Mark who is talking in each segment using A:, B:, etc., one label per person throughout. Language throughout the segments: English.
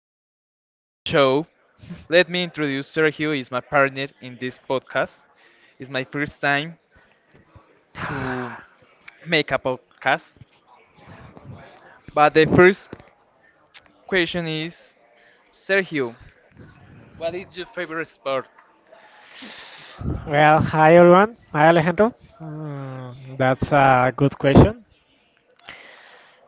A: sport show. Let me introduce Sergio. Is my partner in this podcast. It's my first time to make a podcast. But the first question is, Sergio, what is your favorite sport?
B: Well, hi everyone. Hi Alejandro. That's a good question.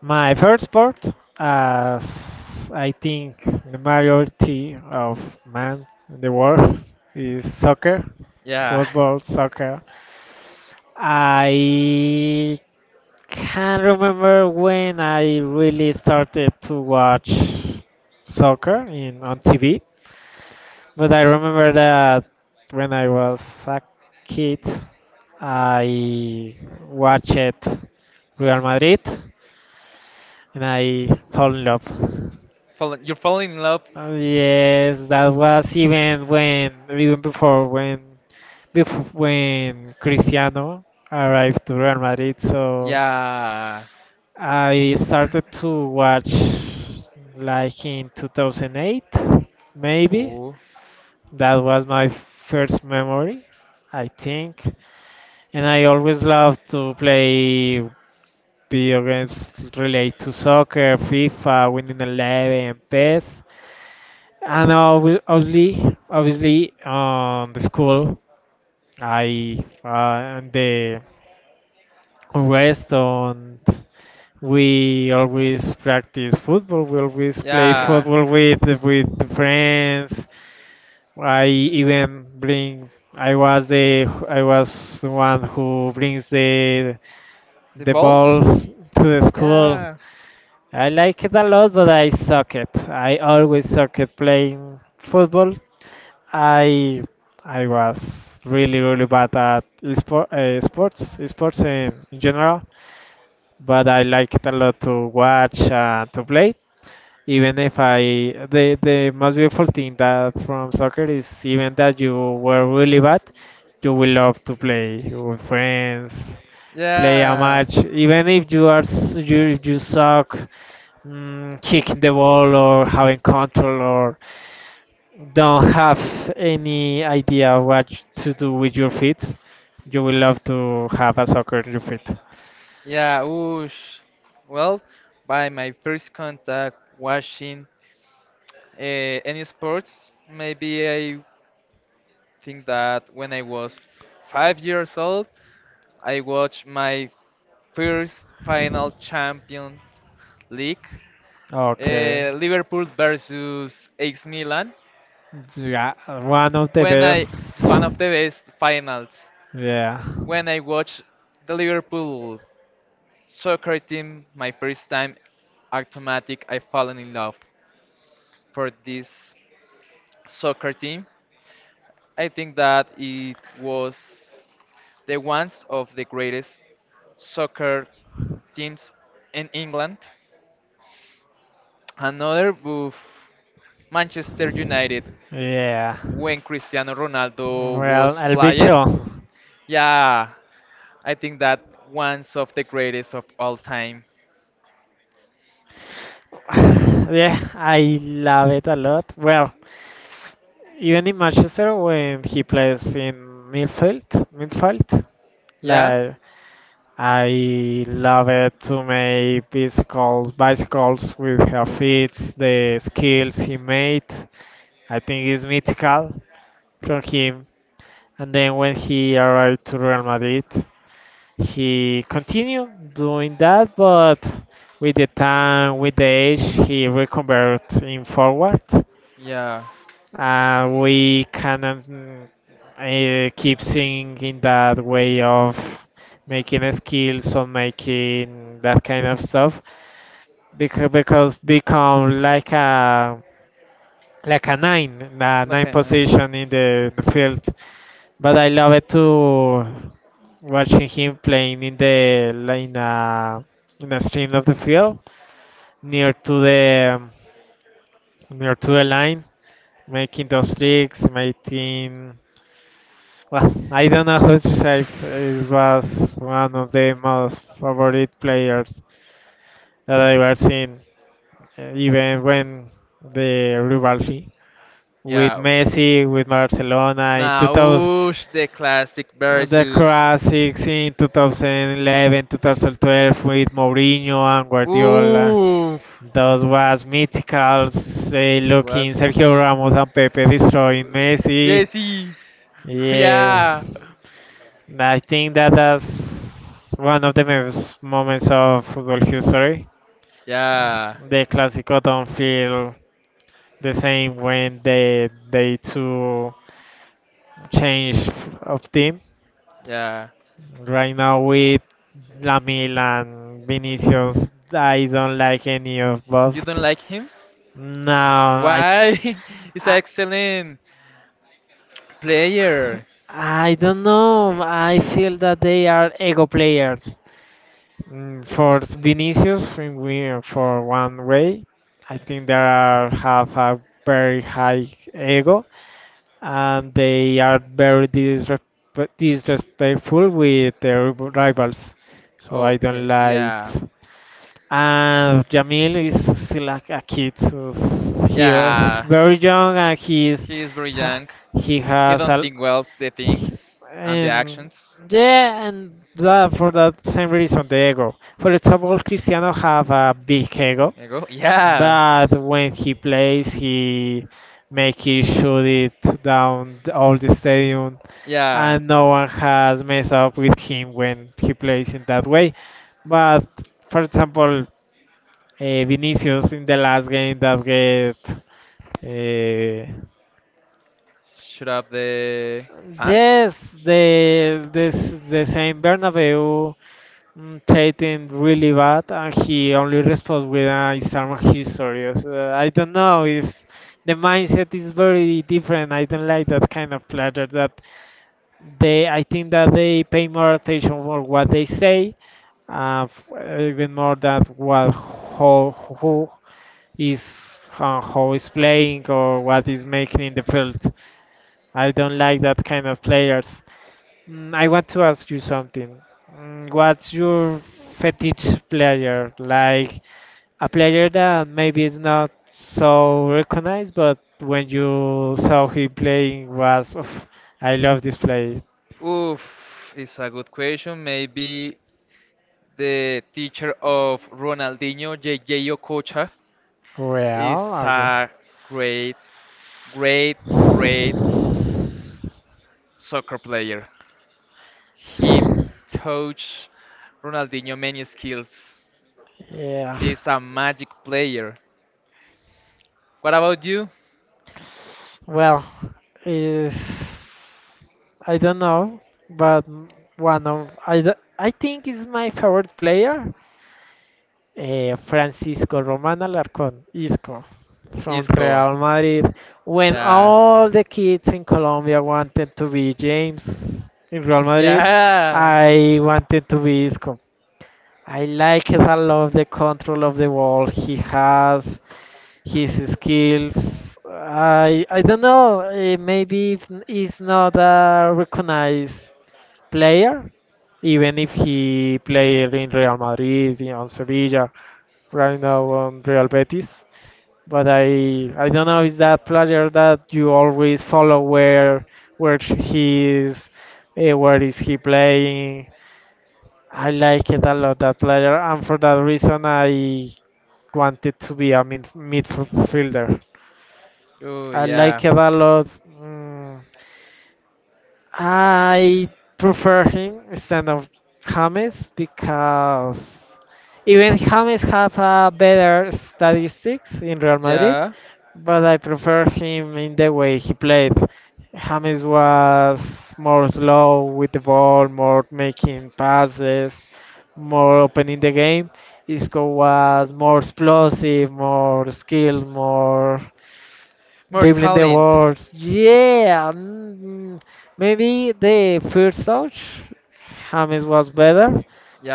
B: My favorite sport, as I think the majority of men in the world, is soccer,
A: Yeah,
B: football, soccer. I can't remember when I really started to watch soccer in on TV. But I remember that when I was a kid, I watched Real Madrid and I fell in love.
A: fall, you're falling in love.
B: Yes, that was even when, even before when Cristiano arrived to Real Madrid. So
A: Yeah.
B: I started to watch like in 2008, maybe.
A: Oh.
B: That was my first memory, I think. And I always loved to play video games related to soccer, FIFA, Winning Eleven, PES. And obviously, on the school, I and the rest on. We always practice football. We always play
A: Yeah.
B: football with the friends. I even bring. I was the one who brings
A: The
B: the
A: ball.
B: ball to the school.
A: Yeah.
B: I like it a lot, but I suck it. I always suck at playing football. I I was really bad at esport, sports in general, but I like it a lot to watch and to play. Even if I the most beautiful thing that from soccer is even that you were really bad, you will love to play with friends, play a
A: Yeah.
B: match. Even if you if you suck, kicking the ball or having control or don't have any idea what to do with your feet, you will love to have a soccer in your feet.
A: Yeah, oosh. Well, by my first contact watching any sports, maybe I think that when I was 5 years old, I watched my first final Champions League,
B: Okay.
A: Liverpool versus AC Milan.
B: Yeah, one of the
A: When I
B: best.
A: one of the best finals.
B: Yeah.
A: When I watched the Liverpool soccer team my first time, automatic I fallen in love for this soccer team. I think that it was the ones of the greatest soccer teams in England. Another with Manchester United
B: Yeah.
A: when Cristiano Ronaldo
B: Well,
A: was
B: El
A: played.
B: Bicho.
A: Yeah, I think that one's of the greatest of all time.
B: Yeah, I love it a lot. Well, even in Manchester when he plays in midfield, midfield,
A: Yeah,
B: like I love it to make bicycles with her feet, the skills he made. I think is mythical from him. And then when he arrived to Real Madrid, he continued doing that, but with the time, with the age, he reconverted in forward.
A: yeah,
B: We cannot keep seeing in that way of making skills or making that kind of stuff because become like a nine
A: like I name.
B: position in the field. But I love it to watching him playing in in a stream of the field near to the near to the line, making those tricks, making. Well, Aidana Hutchinson was one of the most favorite players that I've ever seen, even when the rivalry with
A: Yeah.
B: Messi, with Barcelona in
A: Now,
B: 2000,
A: oosh, the classic
B: the
A: versus.
B: classics in 2011, 2012 with Mourinho and Guardiola.
A: Ooh.
B: Those was mythical, say,
A: It
B: looking
A: was
B: Sergio Ramos and Pepe destroying Messi.
A: Jesse.
B: Yes.
A: Yeah.
B: I think that that's one of the best moments of football history. Uh,
A: Yeah.
B: The Clásico don't feel the same when they two change of team.
A: Yeah.
B: Right now with Lamil and Vinicius, I don't like any of both.
A: You don't like him?
B: No, I,
A: Why? He's an
B: I
A: excellent player.
B: I don't know. I feel that they are ego players. For Vinicius, think we for one way, I think they are, have a very high ego and they are very disrespectful with their rivals. So I don't
A: Okay.
B: like.
A: Yeah.
B: And Jamil is still like a kid, so he was
A: Yeah.
B: very young and he's
A: He is very
B: ha-
A: young.
B: he
A: He
B: has
A: don't
B: a
A: think well the things and the
B: and
A: actions.
B: yeah, and that for that same reason the ego. For example, Cristiano have a big ego,
A: There you go. Yeah.
B: but when he plays, he make it shoot it down all the stadium,
A: Yeah.
B: and no one has messed up with him when he plays in that way. But for example, Vinicius in the last game that get. Uh,
A: Should up the fans?
B: yes, the this the same Bernabeu treating really bad, and he only responds with an Instagram history. So I don't know. Is the mindset is very different. I don't like that kind of player. That they, I think that they pay more attention for what they say, even more than what how, who, is how is playing or what is making in the field. I don't like that kind of players. I want to ask you something. What's your fetish player? Like a player that maybe is not so recognized, but when you saw him playing, was "Oof, I love this play.
A: Oof, it's a good question. Maybe the teacher of Ronaldinho, J J Okocha,
B: Well,
A: is
B: Argo.
A: a great, great, great soccer player. He taught Ronaldinho many skills.
B: Yeah.
A: He is a magic player. What about you,
B: Well, is I don't know, but one of I think is my favorite player, Francisco Roman Alarcón, Isco, from
A: Isco?
B: Real Madrid. When
A: Yeah,
B: all the kids in Colombia wanted to be James in Real Madrid,
A: yeah.
B: I wanted to be Isco. I like it. I love the control of the ball he has his skills. I don't know. Maybe if he's not a recognized player, even if he played in Real Madrid, on Sevilla, right now on Real Betis. But I don't know. Is that player that you always follow where he is, where is he playing? I like it a lot that player, and for that reason I wanted to be a midfielder.
A: Oh,
B: I
A: yeah,
B: like it a lot. Mm, I prefer him instead of James because even James have a better statistics in Real Madrid,
A: yeah.
B: but I prefer him in the way he played. James was more slow with the ball, more making passes, more open in the game. Isco was more explosive, more skilled, more
A: More
B: they blend the
A: talent.
B: words. Yeah, Maybe the first touch, James was better,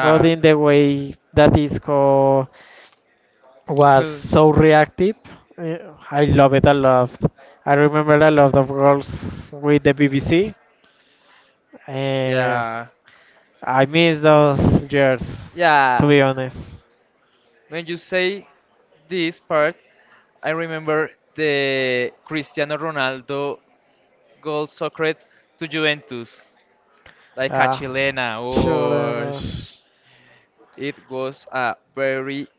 B: but in the way that Isco was
A: feel,
B: so reactive, eh, I love it a lot. I remember a lot of goals with the BBC. eh,
A: yeah.
B: I miss those years, to
A: Yeah,
B: be honest.
A: when you say this part, I remember the Cristiano Ronaldo goal soccer to Juventus, like a
B: Uh,
A: Chilena. Oh,
B: Chilena.
A: it was a very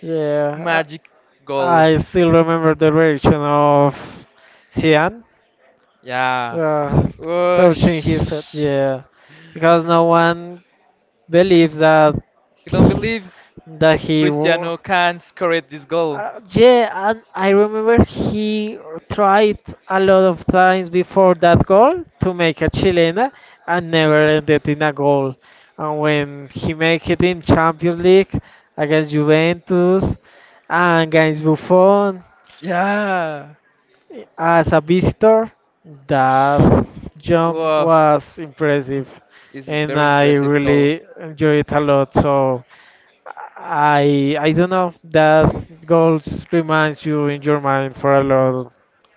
B: Yeah,
A: magic goal.
B: I still remember the reaction of Sian
A: Yeah.
B: uh,
A: Oh,
B: touching his head. Yeah, because no one believe that
A: he don't
B: he-
A: believes
B: that he wa-
A: Cristiano can score this goal.
B: yeah, and I remember he tried a lot of times before that goal to make a chilena and never ended in a goal. And when he made it in Champions League against Juventus and against Buffon
A: Yeah.
B: as a visitor, that jump
A: Wow,
B: was impressive,
A: it's
B: and
A: very
B: I
A: impressive goal.
B: really enjoyed it a lot. So I don't know if that goals reminds you in your mind for a long,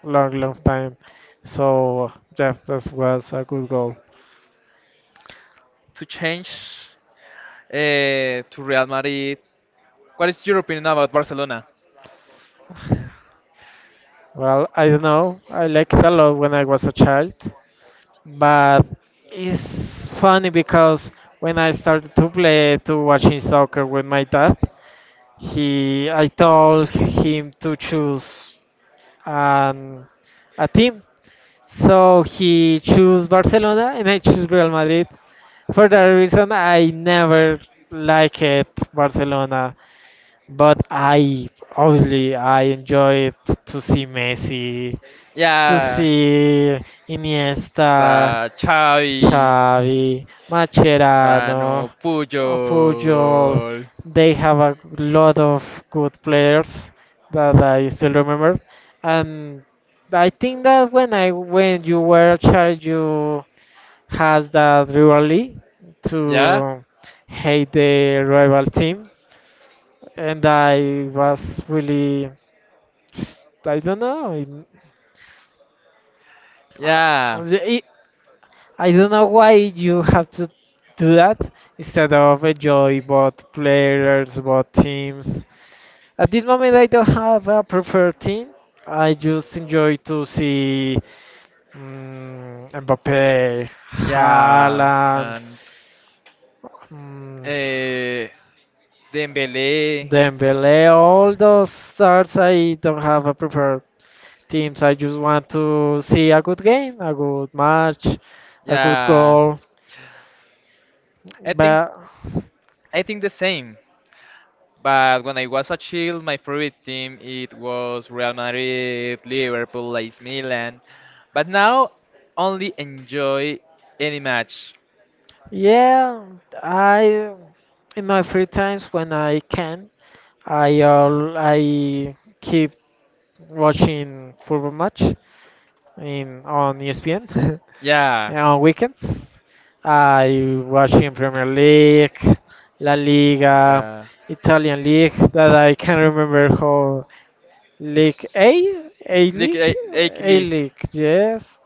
B: long, long time. So yeah, that was a good goal.
A: To change to Real Madrid. What is your opinion about Barcelona?
B: Well, I don't know. I liked it a lot when I was a child, but it's funny because when I started to play to watching soccer with my dad, he I told him to choose an a team. So he chose Barcelona and I choose Real Madrid. For that reason, I never liked Barcelona. But I Obviously I enjoy it to see Messi, to
A: Yeah,
B: see Iniesta,
A: está Xavi,
B: Xavi, Macherano,
A: Rano,
B: Puyol.
A: Puyol.
B: They have a lot of good players that I still remember, and I think that when you were a child, you has that rivalry
A: Yeah,
B: to hate the rival team and I was really I don't know uh,
A: yeah,
B: I, I don't know why you have to do that instead of enjoy both players both teams at this moment I don't have a preferred team. I just enjoy to see Mbappe
A: yeah,
B: Haaland,
A: and
B: mm,
A: uh, Dembele.
B: Dembele, all those stars. I don't have a preferred teams. I just want to see a good game, a good match, a good
A: Yeah,
B: goal.
A: I think
B: But
A: I think the same. But when I was a child, my favorite team it was Real Madrid, Liverpool, AC Milan. But now only enjoy any match.
B: yeah, I in my free times when I can, I keep watching football match in on ESPN
A: Yeah.
B: and on weekends. I watching Premier League, La
A: Like,
B: Liga, Italian League that I can remember how League A,
A: this like like
B: A
A: Lee,
B: League, yes.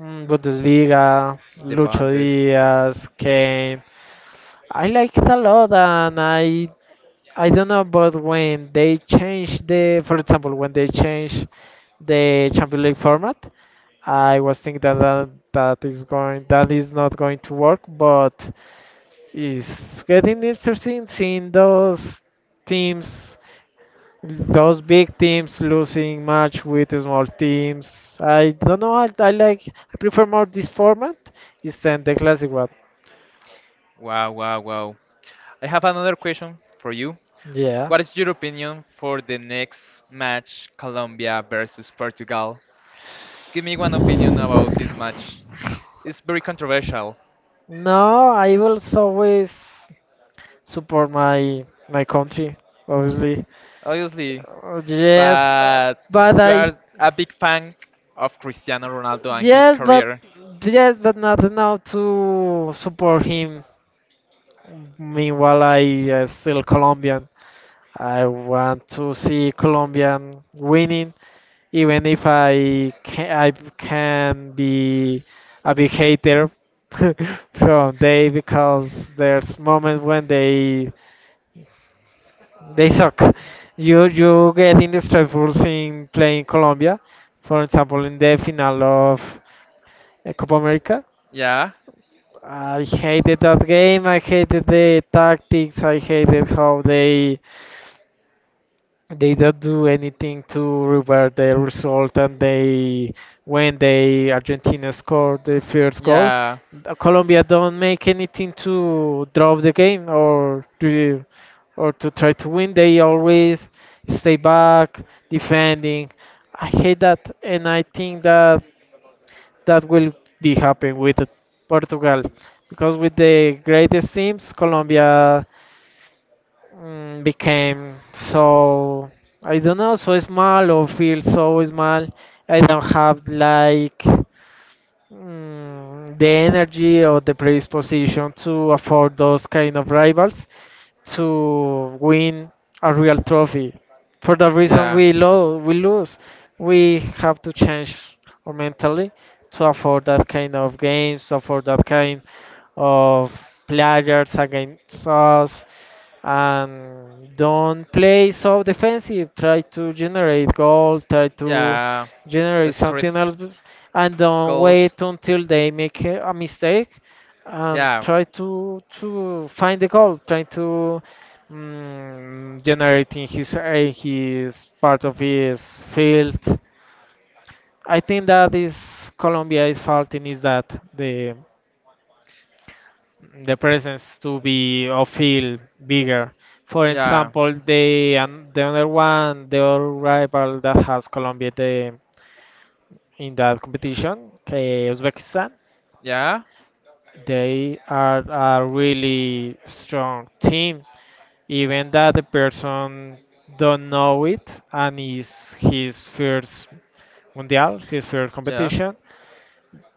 B: Bundesliga,
A: the
B: Lucho
A: bundes.
B: Diaz, Kane. I like it a lot, and I don't know, but when they change the, for example, when they change the Champions League format, I was thinking that is going that is not going to work, but it's getting interesting seeing those teams those big teams losing match with small teams. I don't know. I like. I prefer more this format instead the classic one.
A: Wow, wow, wow. I have another question for you.
B: Yeah.
A: What is your opinion for the next match, Colombia versus Portugal? Give me one opinion about this match. It's very controversial,
B: No, I will always support my country, obviously.
A: obviously,
B: Yes,
A: but
B: but
A: you
B: I.
A: are a big fan of Cristiano Ronaldo and his
B: Yes, but
A: career.
B: yes, but not enough to support him. Meanwhile, I still Colombian. I want to see Colombian winning, even if I can, I can be a big hater from they because there's moments when they suck. You get in the struggles in playing Colombia, for example, in the final of Copa America.
A: Yeah,
B: I hated that game. I hated the tactics. I hated how they don't do anything to revert the result and they when they argentina scored the first goal
A: yeah.
B: colombia don't make anything to draw the game or to try to win they always stay back defending. I hate that and I think that that will be happening with Portugal because with the greatest teams Colombia became so I don't know so small or feel so small. I don't have like the energy or the predisposition to afford those kind of rivals to win a real trophy. For the reason
A: Yeah.
B: we lose, we have to change our mentally to afford that kind of games, to afford that kind of players against us, and don't play so defensive. Try to generate goal. Try to
A: Yeah.
B: generate
A: It's
B: something
A: critical.
B: else, and don't wait until they make a mistake and
A: Yeah.
B: try to find the goal, trying to generating his part of his field. I think that is Colombia is faulting is that the the presence to be of field bigger. For
A: Yeah.
B: example, the and the other one, the other rival that has Colombia in that competition, Uzbekistan.
A: Yeah.
B: They are a really strong team. Even that the person don't know it and is his first mundial, his first
A: Yeah.
B: competition.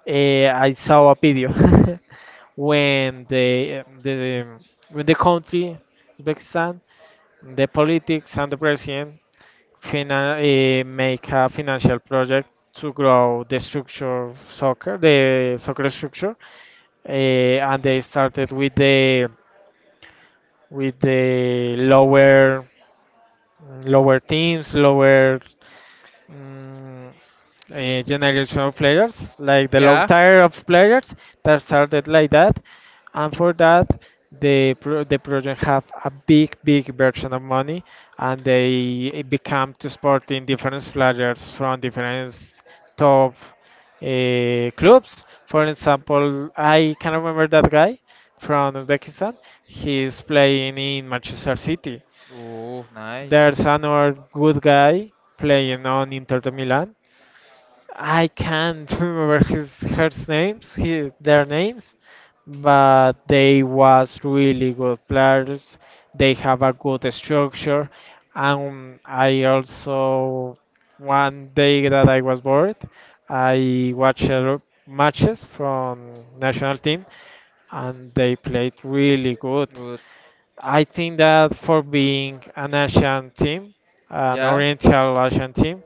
B: I saw a video when the the when the country Uzbekistan, the politics and the president make a financial project to grow the structure of soccer, the soccer structure, and they started with the lower teams, Mm, a generation of players, like the low
A: Yeah.
B: tier of players that started like that, and for that the project have a big version of money, and they become to sporting different players from different top clubs. For example, I can remember that guy from Uzbekistan. He's playing in Manchester City.
A: Oh, nice.
B: There's another good guy playing on Inter de Milan. I can't remember his her names, he, their names, but they was really good players. They have a good structure, and I also one day that I was bored, I watched matches from national team, and they played really good.
A: Good.
B: I think that for being an Asian team, an
A: Yeah.
B: Oriental Asian team.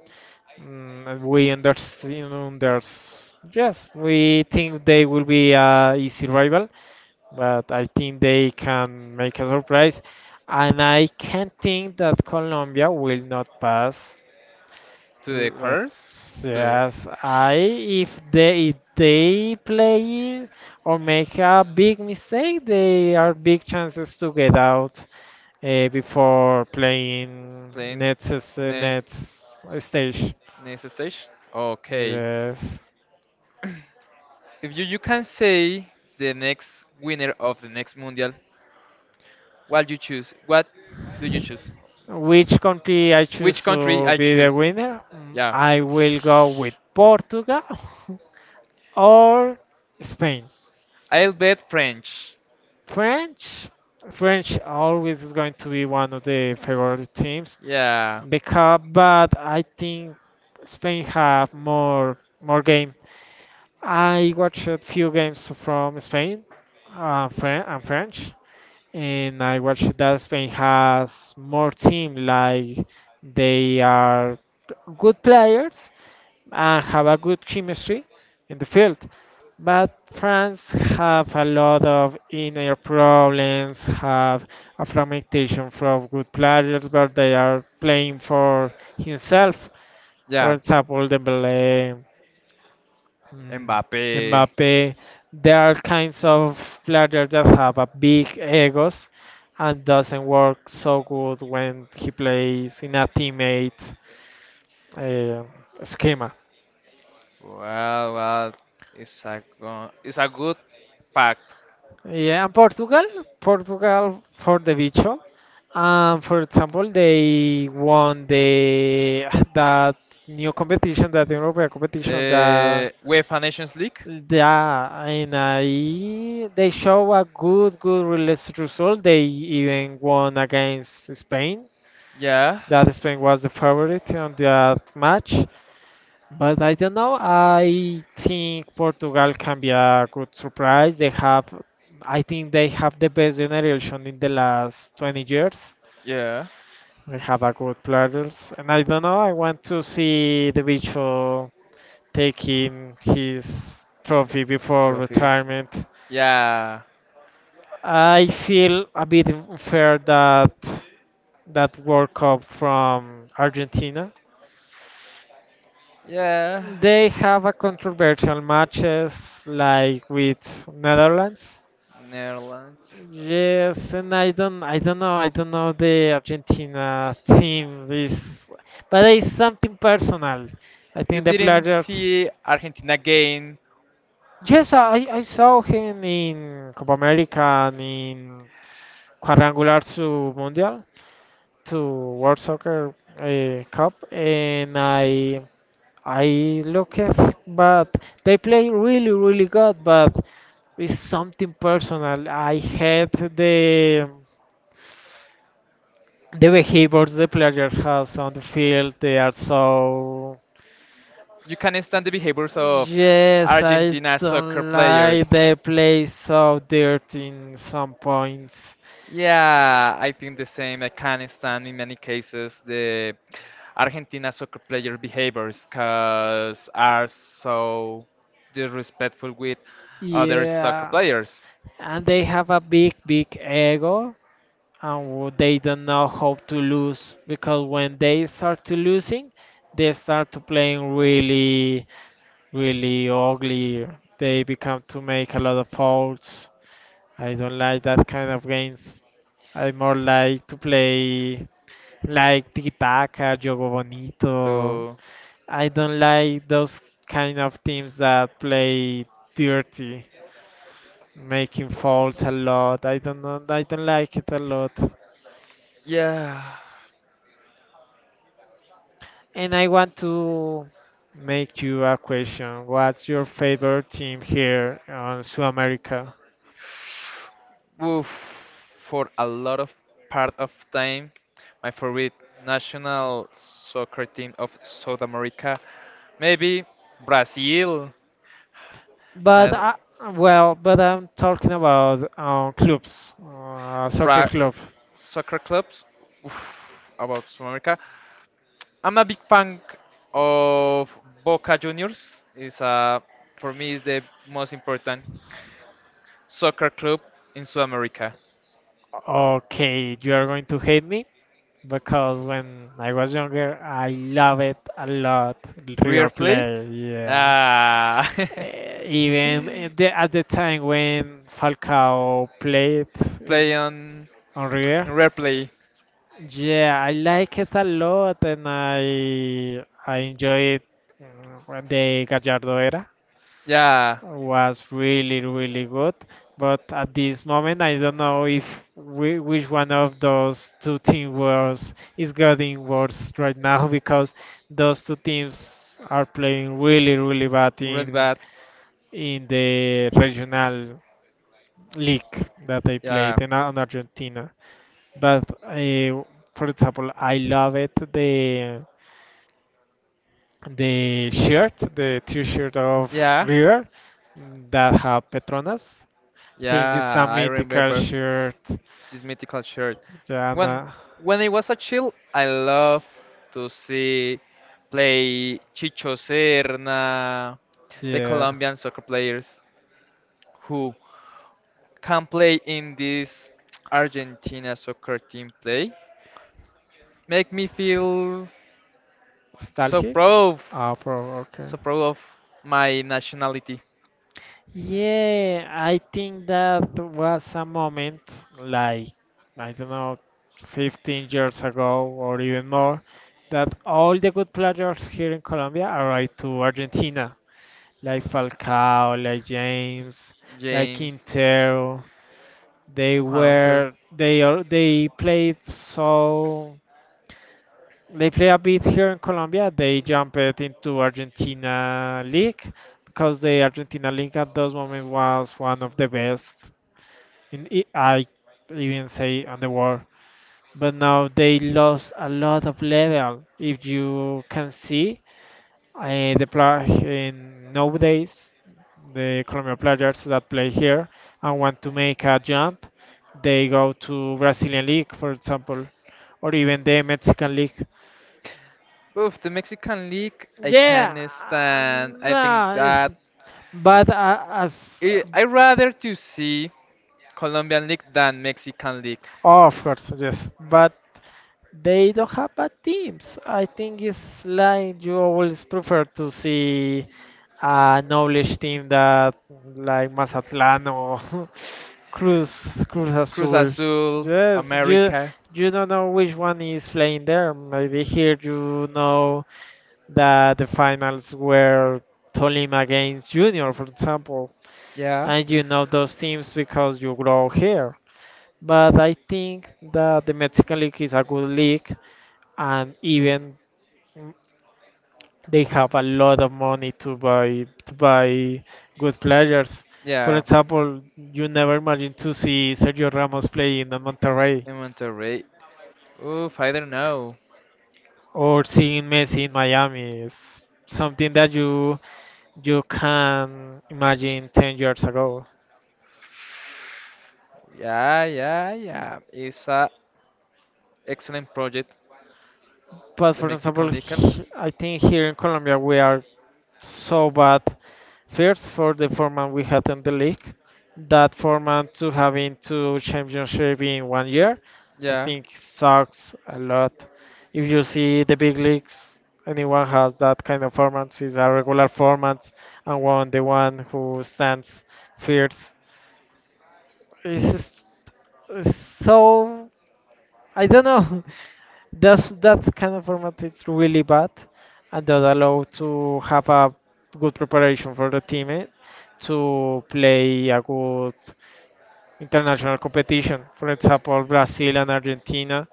B: And we understand there's yes, we think they will be a easy rival, but I think they can make a surprise, and I can think that Colombia will not pass.
A: To the
B: L- uh,
A: quarters. To
B: Yes, I if they play or make a big mistake, they are big chances to get out before playing
A: playing next
B: next stage.
A: next stage. Okay.
B: Yes.
A: If you can say the next winner of the next mundial, what you choose? What do you choose?
B: Which country I
A: Which
B: choose
A: country
B: to
A: I
B: be the
A: choose?
B: winner?
A: Yeah.
B: I will go with Portugal or Spain.
A: I'll bet French.
B: French, French always is going to be one of the favorite teams
A: Yeah.
B: because, but I think Spain have more game. I watched a few games from Spain, and French. And I watched that Spain has more team like they are good players and have a good chemistry in the field. But France have a lot of inner problems, have a fragmentation from good players, but they are playing for himself.
A: Yeah.
B: For example, Dembele, Mm,
A: Mbappe.
B: Mbappe, there are kinds of players that have a big egos and doesn't work so good when he plays in a teammate uh, schema.
A: Well, well, it's a it's a good fact.
B: Yeah, and Portugal for the Bicho. For example, they won the that new competition, that European competition, that.
A: UEFA Nations League.
B: Yeah, and they show a good, good release result. They even won against Spain.
A: Yeah,
B: That Spain was the favorite on that match. But I don't know. I think Portugal can be a good surprise. I think they have the best generation in the last 20 years.
A: yeah.
B: They have a good players, and I don't know. I want to see the Bicho taking his trophy before
A: Trophy.
B: retirement.
A: Yeah,
B: I feel a bit unfair that that World Cup from Argentina.
A: yeah.
B: They have a controversial matches like with Netherlands.
A: Netherlands.
B: Yes, and I don't know the Argentina team. But it's something personal. I
A: You
B: think the
A: didn't
B: players.
A: see Argentina gain.
B: Yes, I saw him in Copa America and in quadrangular to Mundial to World Soccer Cup, and I look at, but they play really really good, but it's something personal. I hate the behaviors the player has on the field. They are so.
A: You can understand the behaviors of
B: Yes, I
A: Argentina soccer
B: don't
A: players.
B: like they play so dirty in some points.
A: Yeah, I think the same. I can't stand in many cases the Argentina soccer player behaviors because are so disrespectful with other soccer
B: Yeah,
A: players.
B: and they have a big, big ego, and they don't know how to lose because when they start to losing, they start to playing really, really ugly. They become to make a lot of faults. I don't like that kind of games. I more like to play like tiki-taka, jogo bonito.
A: To
B: I don't like those kind of teams that play dirty making faults a lot. I don't know. I don't like it a lot.
A: yeah,
B: And I want to make you a question. What's your favorite team here on South America?
A: oof, for a lot of part of time, my favorite national soccer team of South America, maybe Brazil.
B: But
A: My
B: I, well, but I'm talking about clubs, soccer
A: Bra
B: club.
A: soccer clubs oof, about South America. I'm a big fan of Boca Juniors. Is a for me is the most important soccer club in South America.
B: Okay, you are going to hate me, because when I was younger, I love it a lot.
A: River
B: River
A: Plate,
B: Plate, yeah. Ah.
A: ah,
B: Even at the, at the time when Falcao played in-
A: play on
B: on
A: in
B: River,
A: River Plate.
B: yeah, I like it a lot, and I enjoy it when the Gallardo era
A: Yeah,
B: was really really good. But at this moment, I don't know if which one of those two teams was is getting worse right now because those two teams are playing really really bad
A: really
B: in
A: bad.
B: in the regional league that I played
A: Yeah,
B: in, on Argentina. But for example, I love it the t-shirt of
A: yeah,
B: River that have Petronas. I think it's
A: yeah.
B: a
A: I
B: mythical
A: remember
B: shirt.
A: this mythical shirt.
B: Yeah,
A: When
B: nah.
A: when it was a child, I love to see play Chicho Serna, the
B: Yeah.
A: Colombian soccer players who can play in this Argentina soccer team play. Make me feel so
B: Nostalgic?
A: proud,
B: Ah, okay.
A: so proud of my nationality.
B: Yeah, I think that was a moment like, I don't know, 15 years ago or even more, that all the good players here in Colombia arrived to Argentina, like Falcao, like James, like
A: James,
B: Quintero.
A: Juanfer.
B: They played so. They play a bit here in Colombia. They jumped into Argentina League because the Argentina League at those moments was one of the best in I I even say on the world. But now they lost a lot of level. If you can see the play in nowadays, the Colombian players that play here and want to make a jump, they go to Brazilian League, for example, or even the Mexican League.
A: Oof, the Mexican league, I
B: Yeah,
A: can't stand. I think
B: nah,
A: that
B: but as.
A: I rather to see Colombian League than Mexican League.
B: Oh, of course, yes. But they don't have bad teams. I think it's like you always prefer to see a knowledge team that like Mazatlán or Cruz Cruz
A: Cruz
B: Azul.
A: Azul,
B: Yes, you
A: America.
B: you don't know which one is playing there. Maybe here you know that the finals were Tolima against Junior, for example,
A: Yeah.
B: and you know those teams because you grow here. But I think that the Mexican League is a good league, and even mm, they have a lot of money to buy good players. For
A: Yeah.
B: example, you never imagine to see Sergio Ramos playing in Monterrey
A: In Monterrey. Oof, I don't know.
B: or seeing Messi in Miami. It's something that you can imagine 10 years ago.
A: Yeah, yeah, yeah. It's a excellent project,
B: But
A: the
B: for example,
A: Mexican League.
B: I think here in Colombia we are so bad. First, for the format we had in the league, that format to having two championship in one year, I
A: Yeah.
B: think sucks a lot. If you see the big leagues, anyone has that kind of format. It's a regular format, and one the one who stands first. It's, just- it's so. I don't know. That kind of format is really bad, and that allow to have a good preparation for the team, eh? To play a good international competition. For example, Brazil and Argentina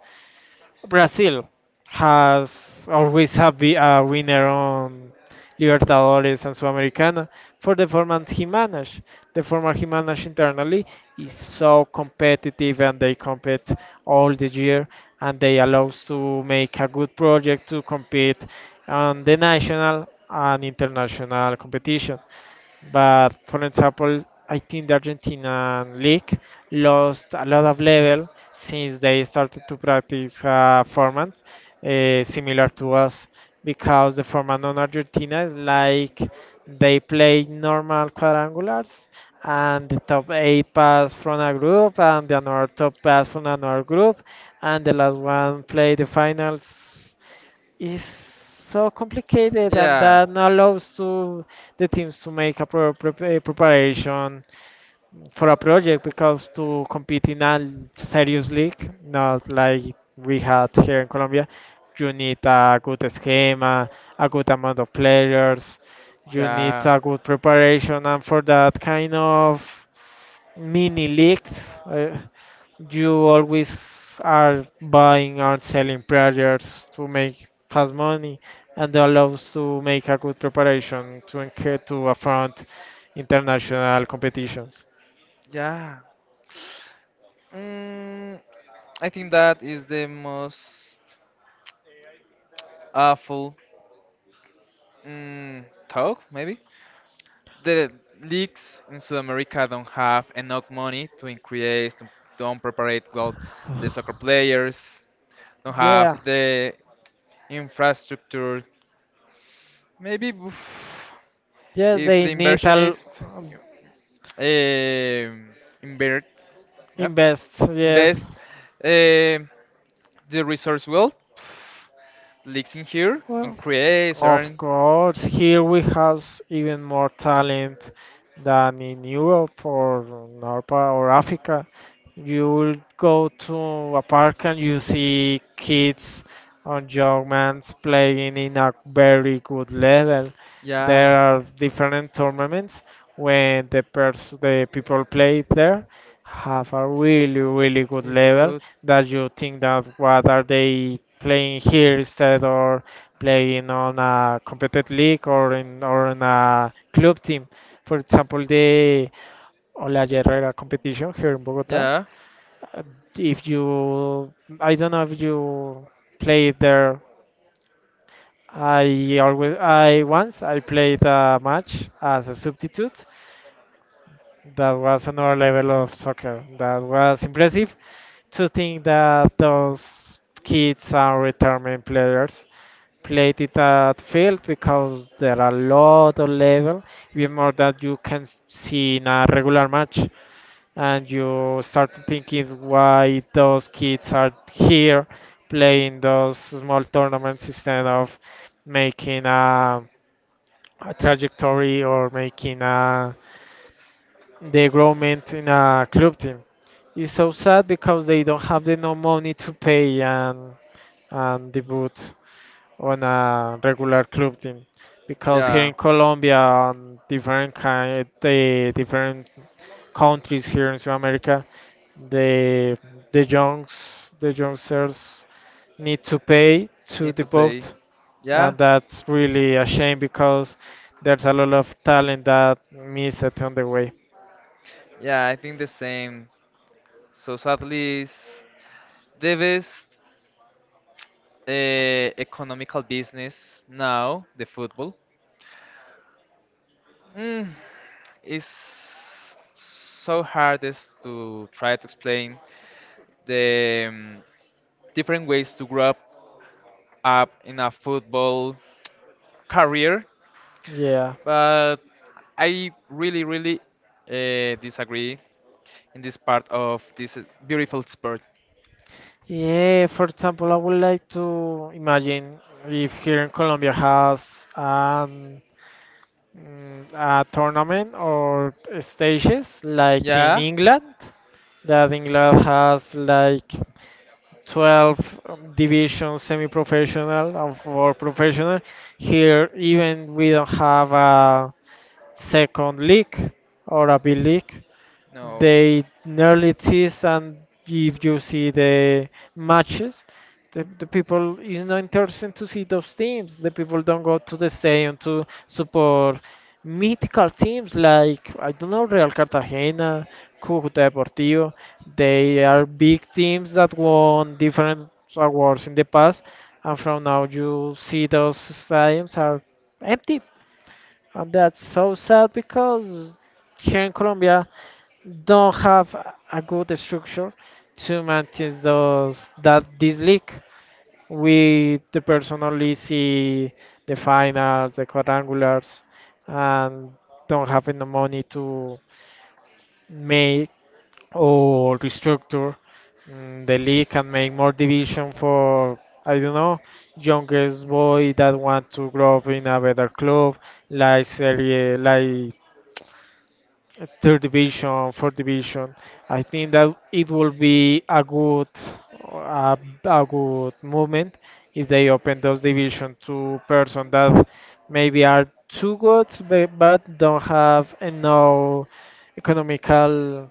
B: Brazil has always have been a winner on Libertadores and Sudamericana for the format he managed. The format he managed internally is so competitive and they compete all the year and they allows to make a good project to compete on the national and international competition. But for example, I think the Argentinian league lost a lot of level since they started to practice a format similar to us because the format on Argentina is like they play normal quadrangulars and the top eight pass from a group and the another top pass from another group and the last one play the finals is so complicated, and
A: Yeah.
B: that allows to the teams to make a proper preparation for a project because to compete in a serious league, not like we had here in Colombia, you need a good schema, a good amount of players, you need
A: Yeah.
B: a good preparation, and for that kind of mini leagues. uh, you always are buying and selling projects to make fast money, and that allows to make a good preparation to to affront international competitions.
A: Yeah. Mm, I think that is the most awful talk maybe the leagues in South America don't have enough money to increase to don't prepare well the soccer players don't have
B: Yeah.
A: the infrastructure maybe oof,
B: Yes,
A: if
B: they
A: the
B: need to
A: inversionist um, invert yep,
B: invest.
A: invest
B: Yes.
A: um the resource well pff, leaks in here
B: Well,
A: increase
B: of
A: earn
B: course, here we have even more talent than in Europe or North or Africa. You will go to a park and you see kids or young men playing in a very good level.
A: yeah.
B: There are different tournaments when the people play there have a really really good
A: You
B: level
A: good?
B: that you think that what are they playing here instead or playing on a competitive league or in a club team. For example, the Ola Herrera competition here in Bogota.
A: Yeah,
B: Uh, If you, I don't know if you play there. I always, I once I played a match as a substitute. That was another level of soccer. That was impressive to think that those kids and retirement players played it at field because there are a lot of level, even more that you can see in a regular match. And you start thinking why those kids are here playing those small tournaments instead of making a trajectory or making a development in a club team. It's so sad because they don't have the no money to pay and debut on a regular club team. Because here
A: yeah.
B: in Colombia and different kind the different countries here in South America, the the youngsters need to pay to
A: Need
B: the
A: to
B: vote,
A: pay. Yeah,
B: and that's really a shame because there's a lot of talent that miss it on the way.
A: yeah. I think the same. So sadly, it's the best economical business now, the football. Mm, it's so hard is to try to explain the different ways to up in a football career,
B: Yeah,
A: but I really, really disagree in this part of this beautiful sport.
B: yeah, for example, I would like to imagine if here in Colombia has a tournament or stages like in
A: Yeah,
B: England that England has like 12 divisions semi professional and for professional. Here, even we don't have a second league or a B league.
A: no.
B: They nearly tease, and if you see the matches, the people is not interested to see those teams. The people don't go to the stadium to support mythical teams like, I don't know, Real Cartagena, Cucuta Deportivo. They are big teams that won different awards in the past, and from now you see those stadiums are empty, and that's so sad because here in Colombia don't have a good structure to maintain those that this league. With the person only see the finals, the quadrangulars, and don't have enough money to make or restructure the league and make more division for, I don't know, youngest boy that want to grow up in a better club, like Serie, like third division, fourth division. I think that it will be a, a good movement if they open those division to person that maybe are too good but don't have enough economical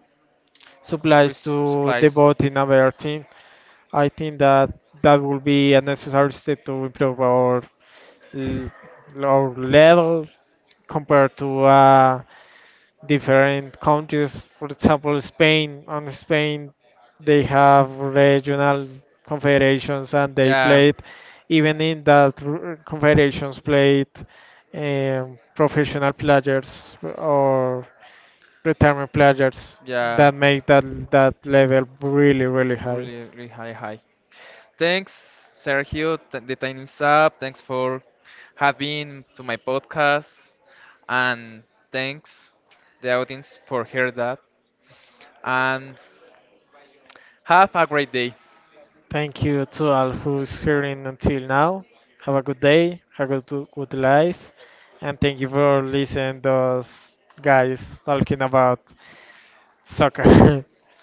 A: Res
B: supplies to
A: supplies.
B: devote in another team. I think that that will be a necessary step to improve l- our level compared to different countries. For example, Spain. On Spain, they have regional confederations, and they
A: Yeah, the
B: played even in that confederations played professional players or retirement players
A: yeah,
B: that make that that level really really high.
A: really, really high, high. Thanks, Sergio, t the time is up. Thanks for having to my podcast, and thanks the audience for hear that. And have a great day.
B: Thank you to all who's hearing until now. Have a good day, have a good, good life, and thank you for listening those guys talking about soccer.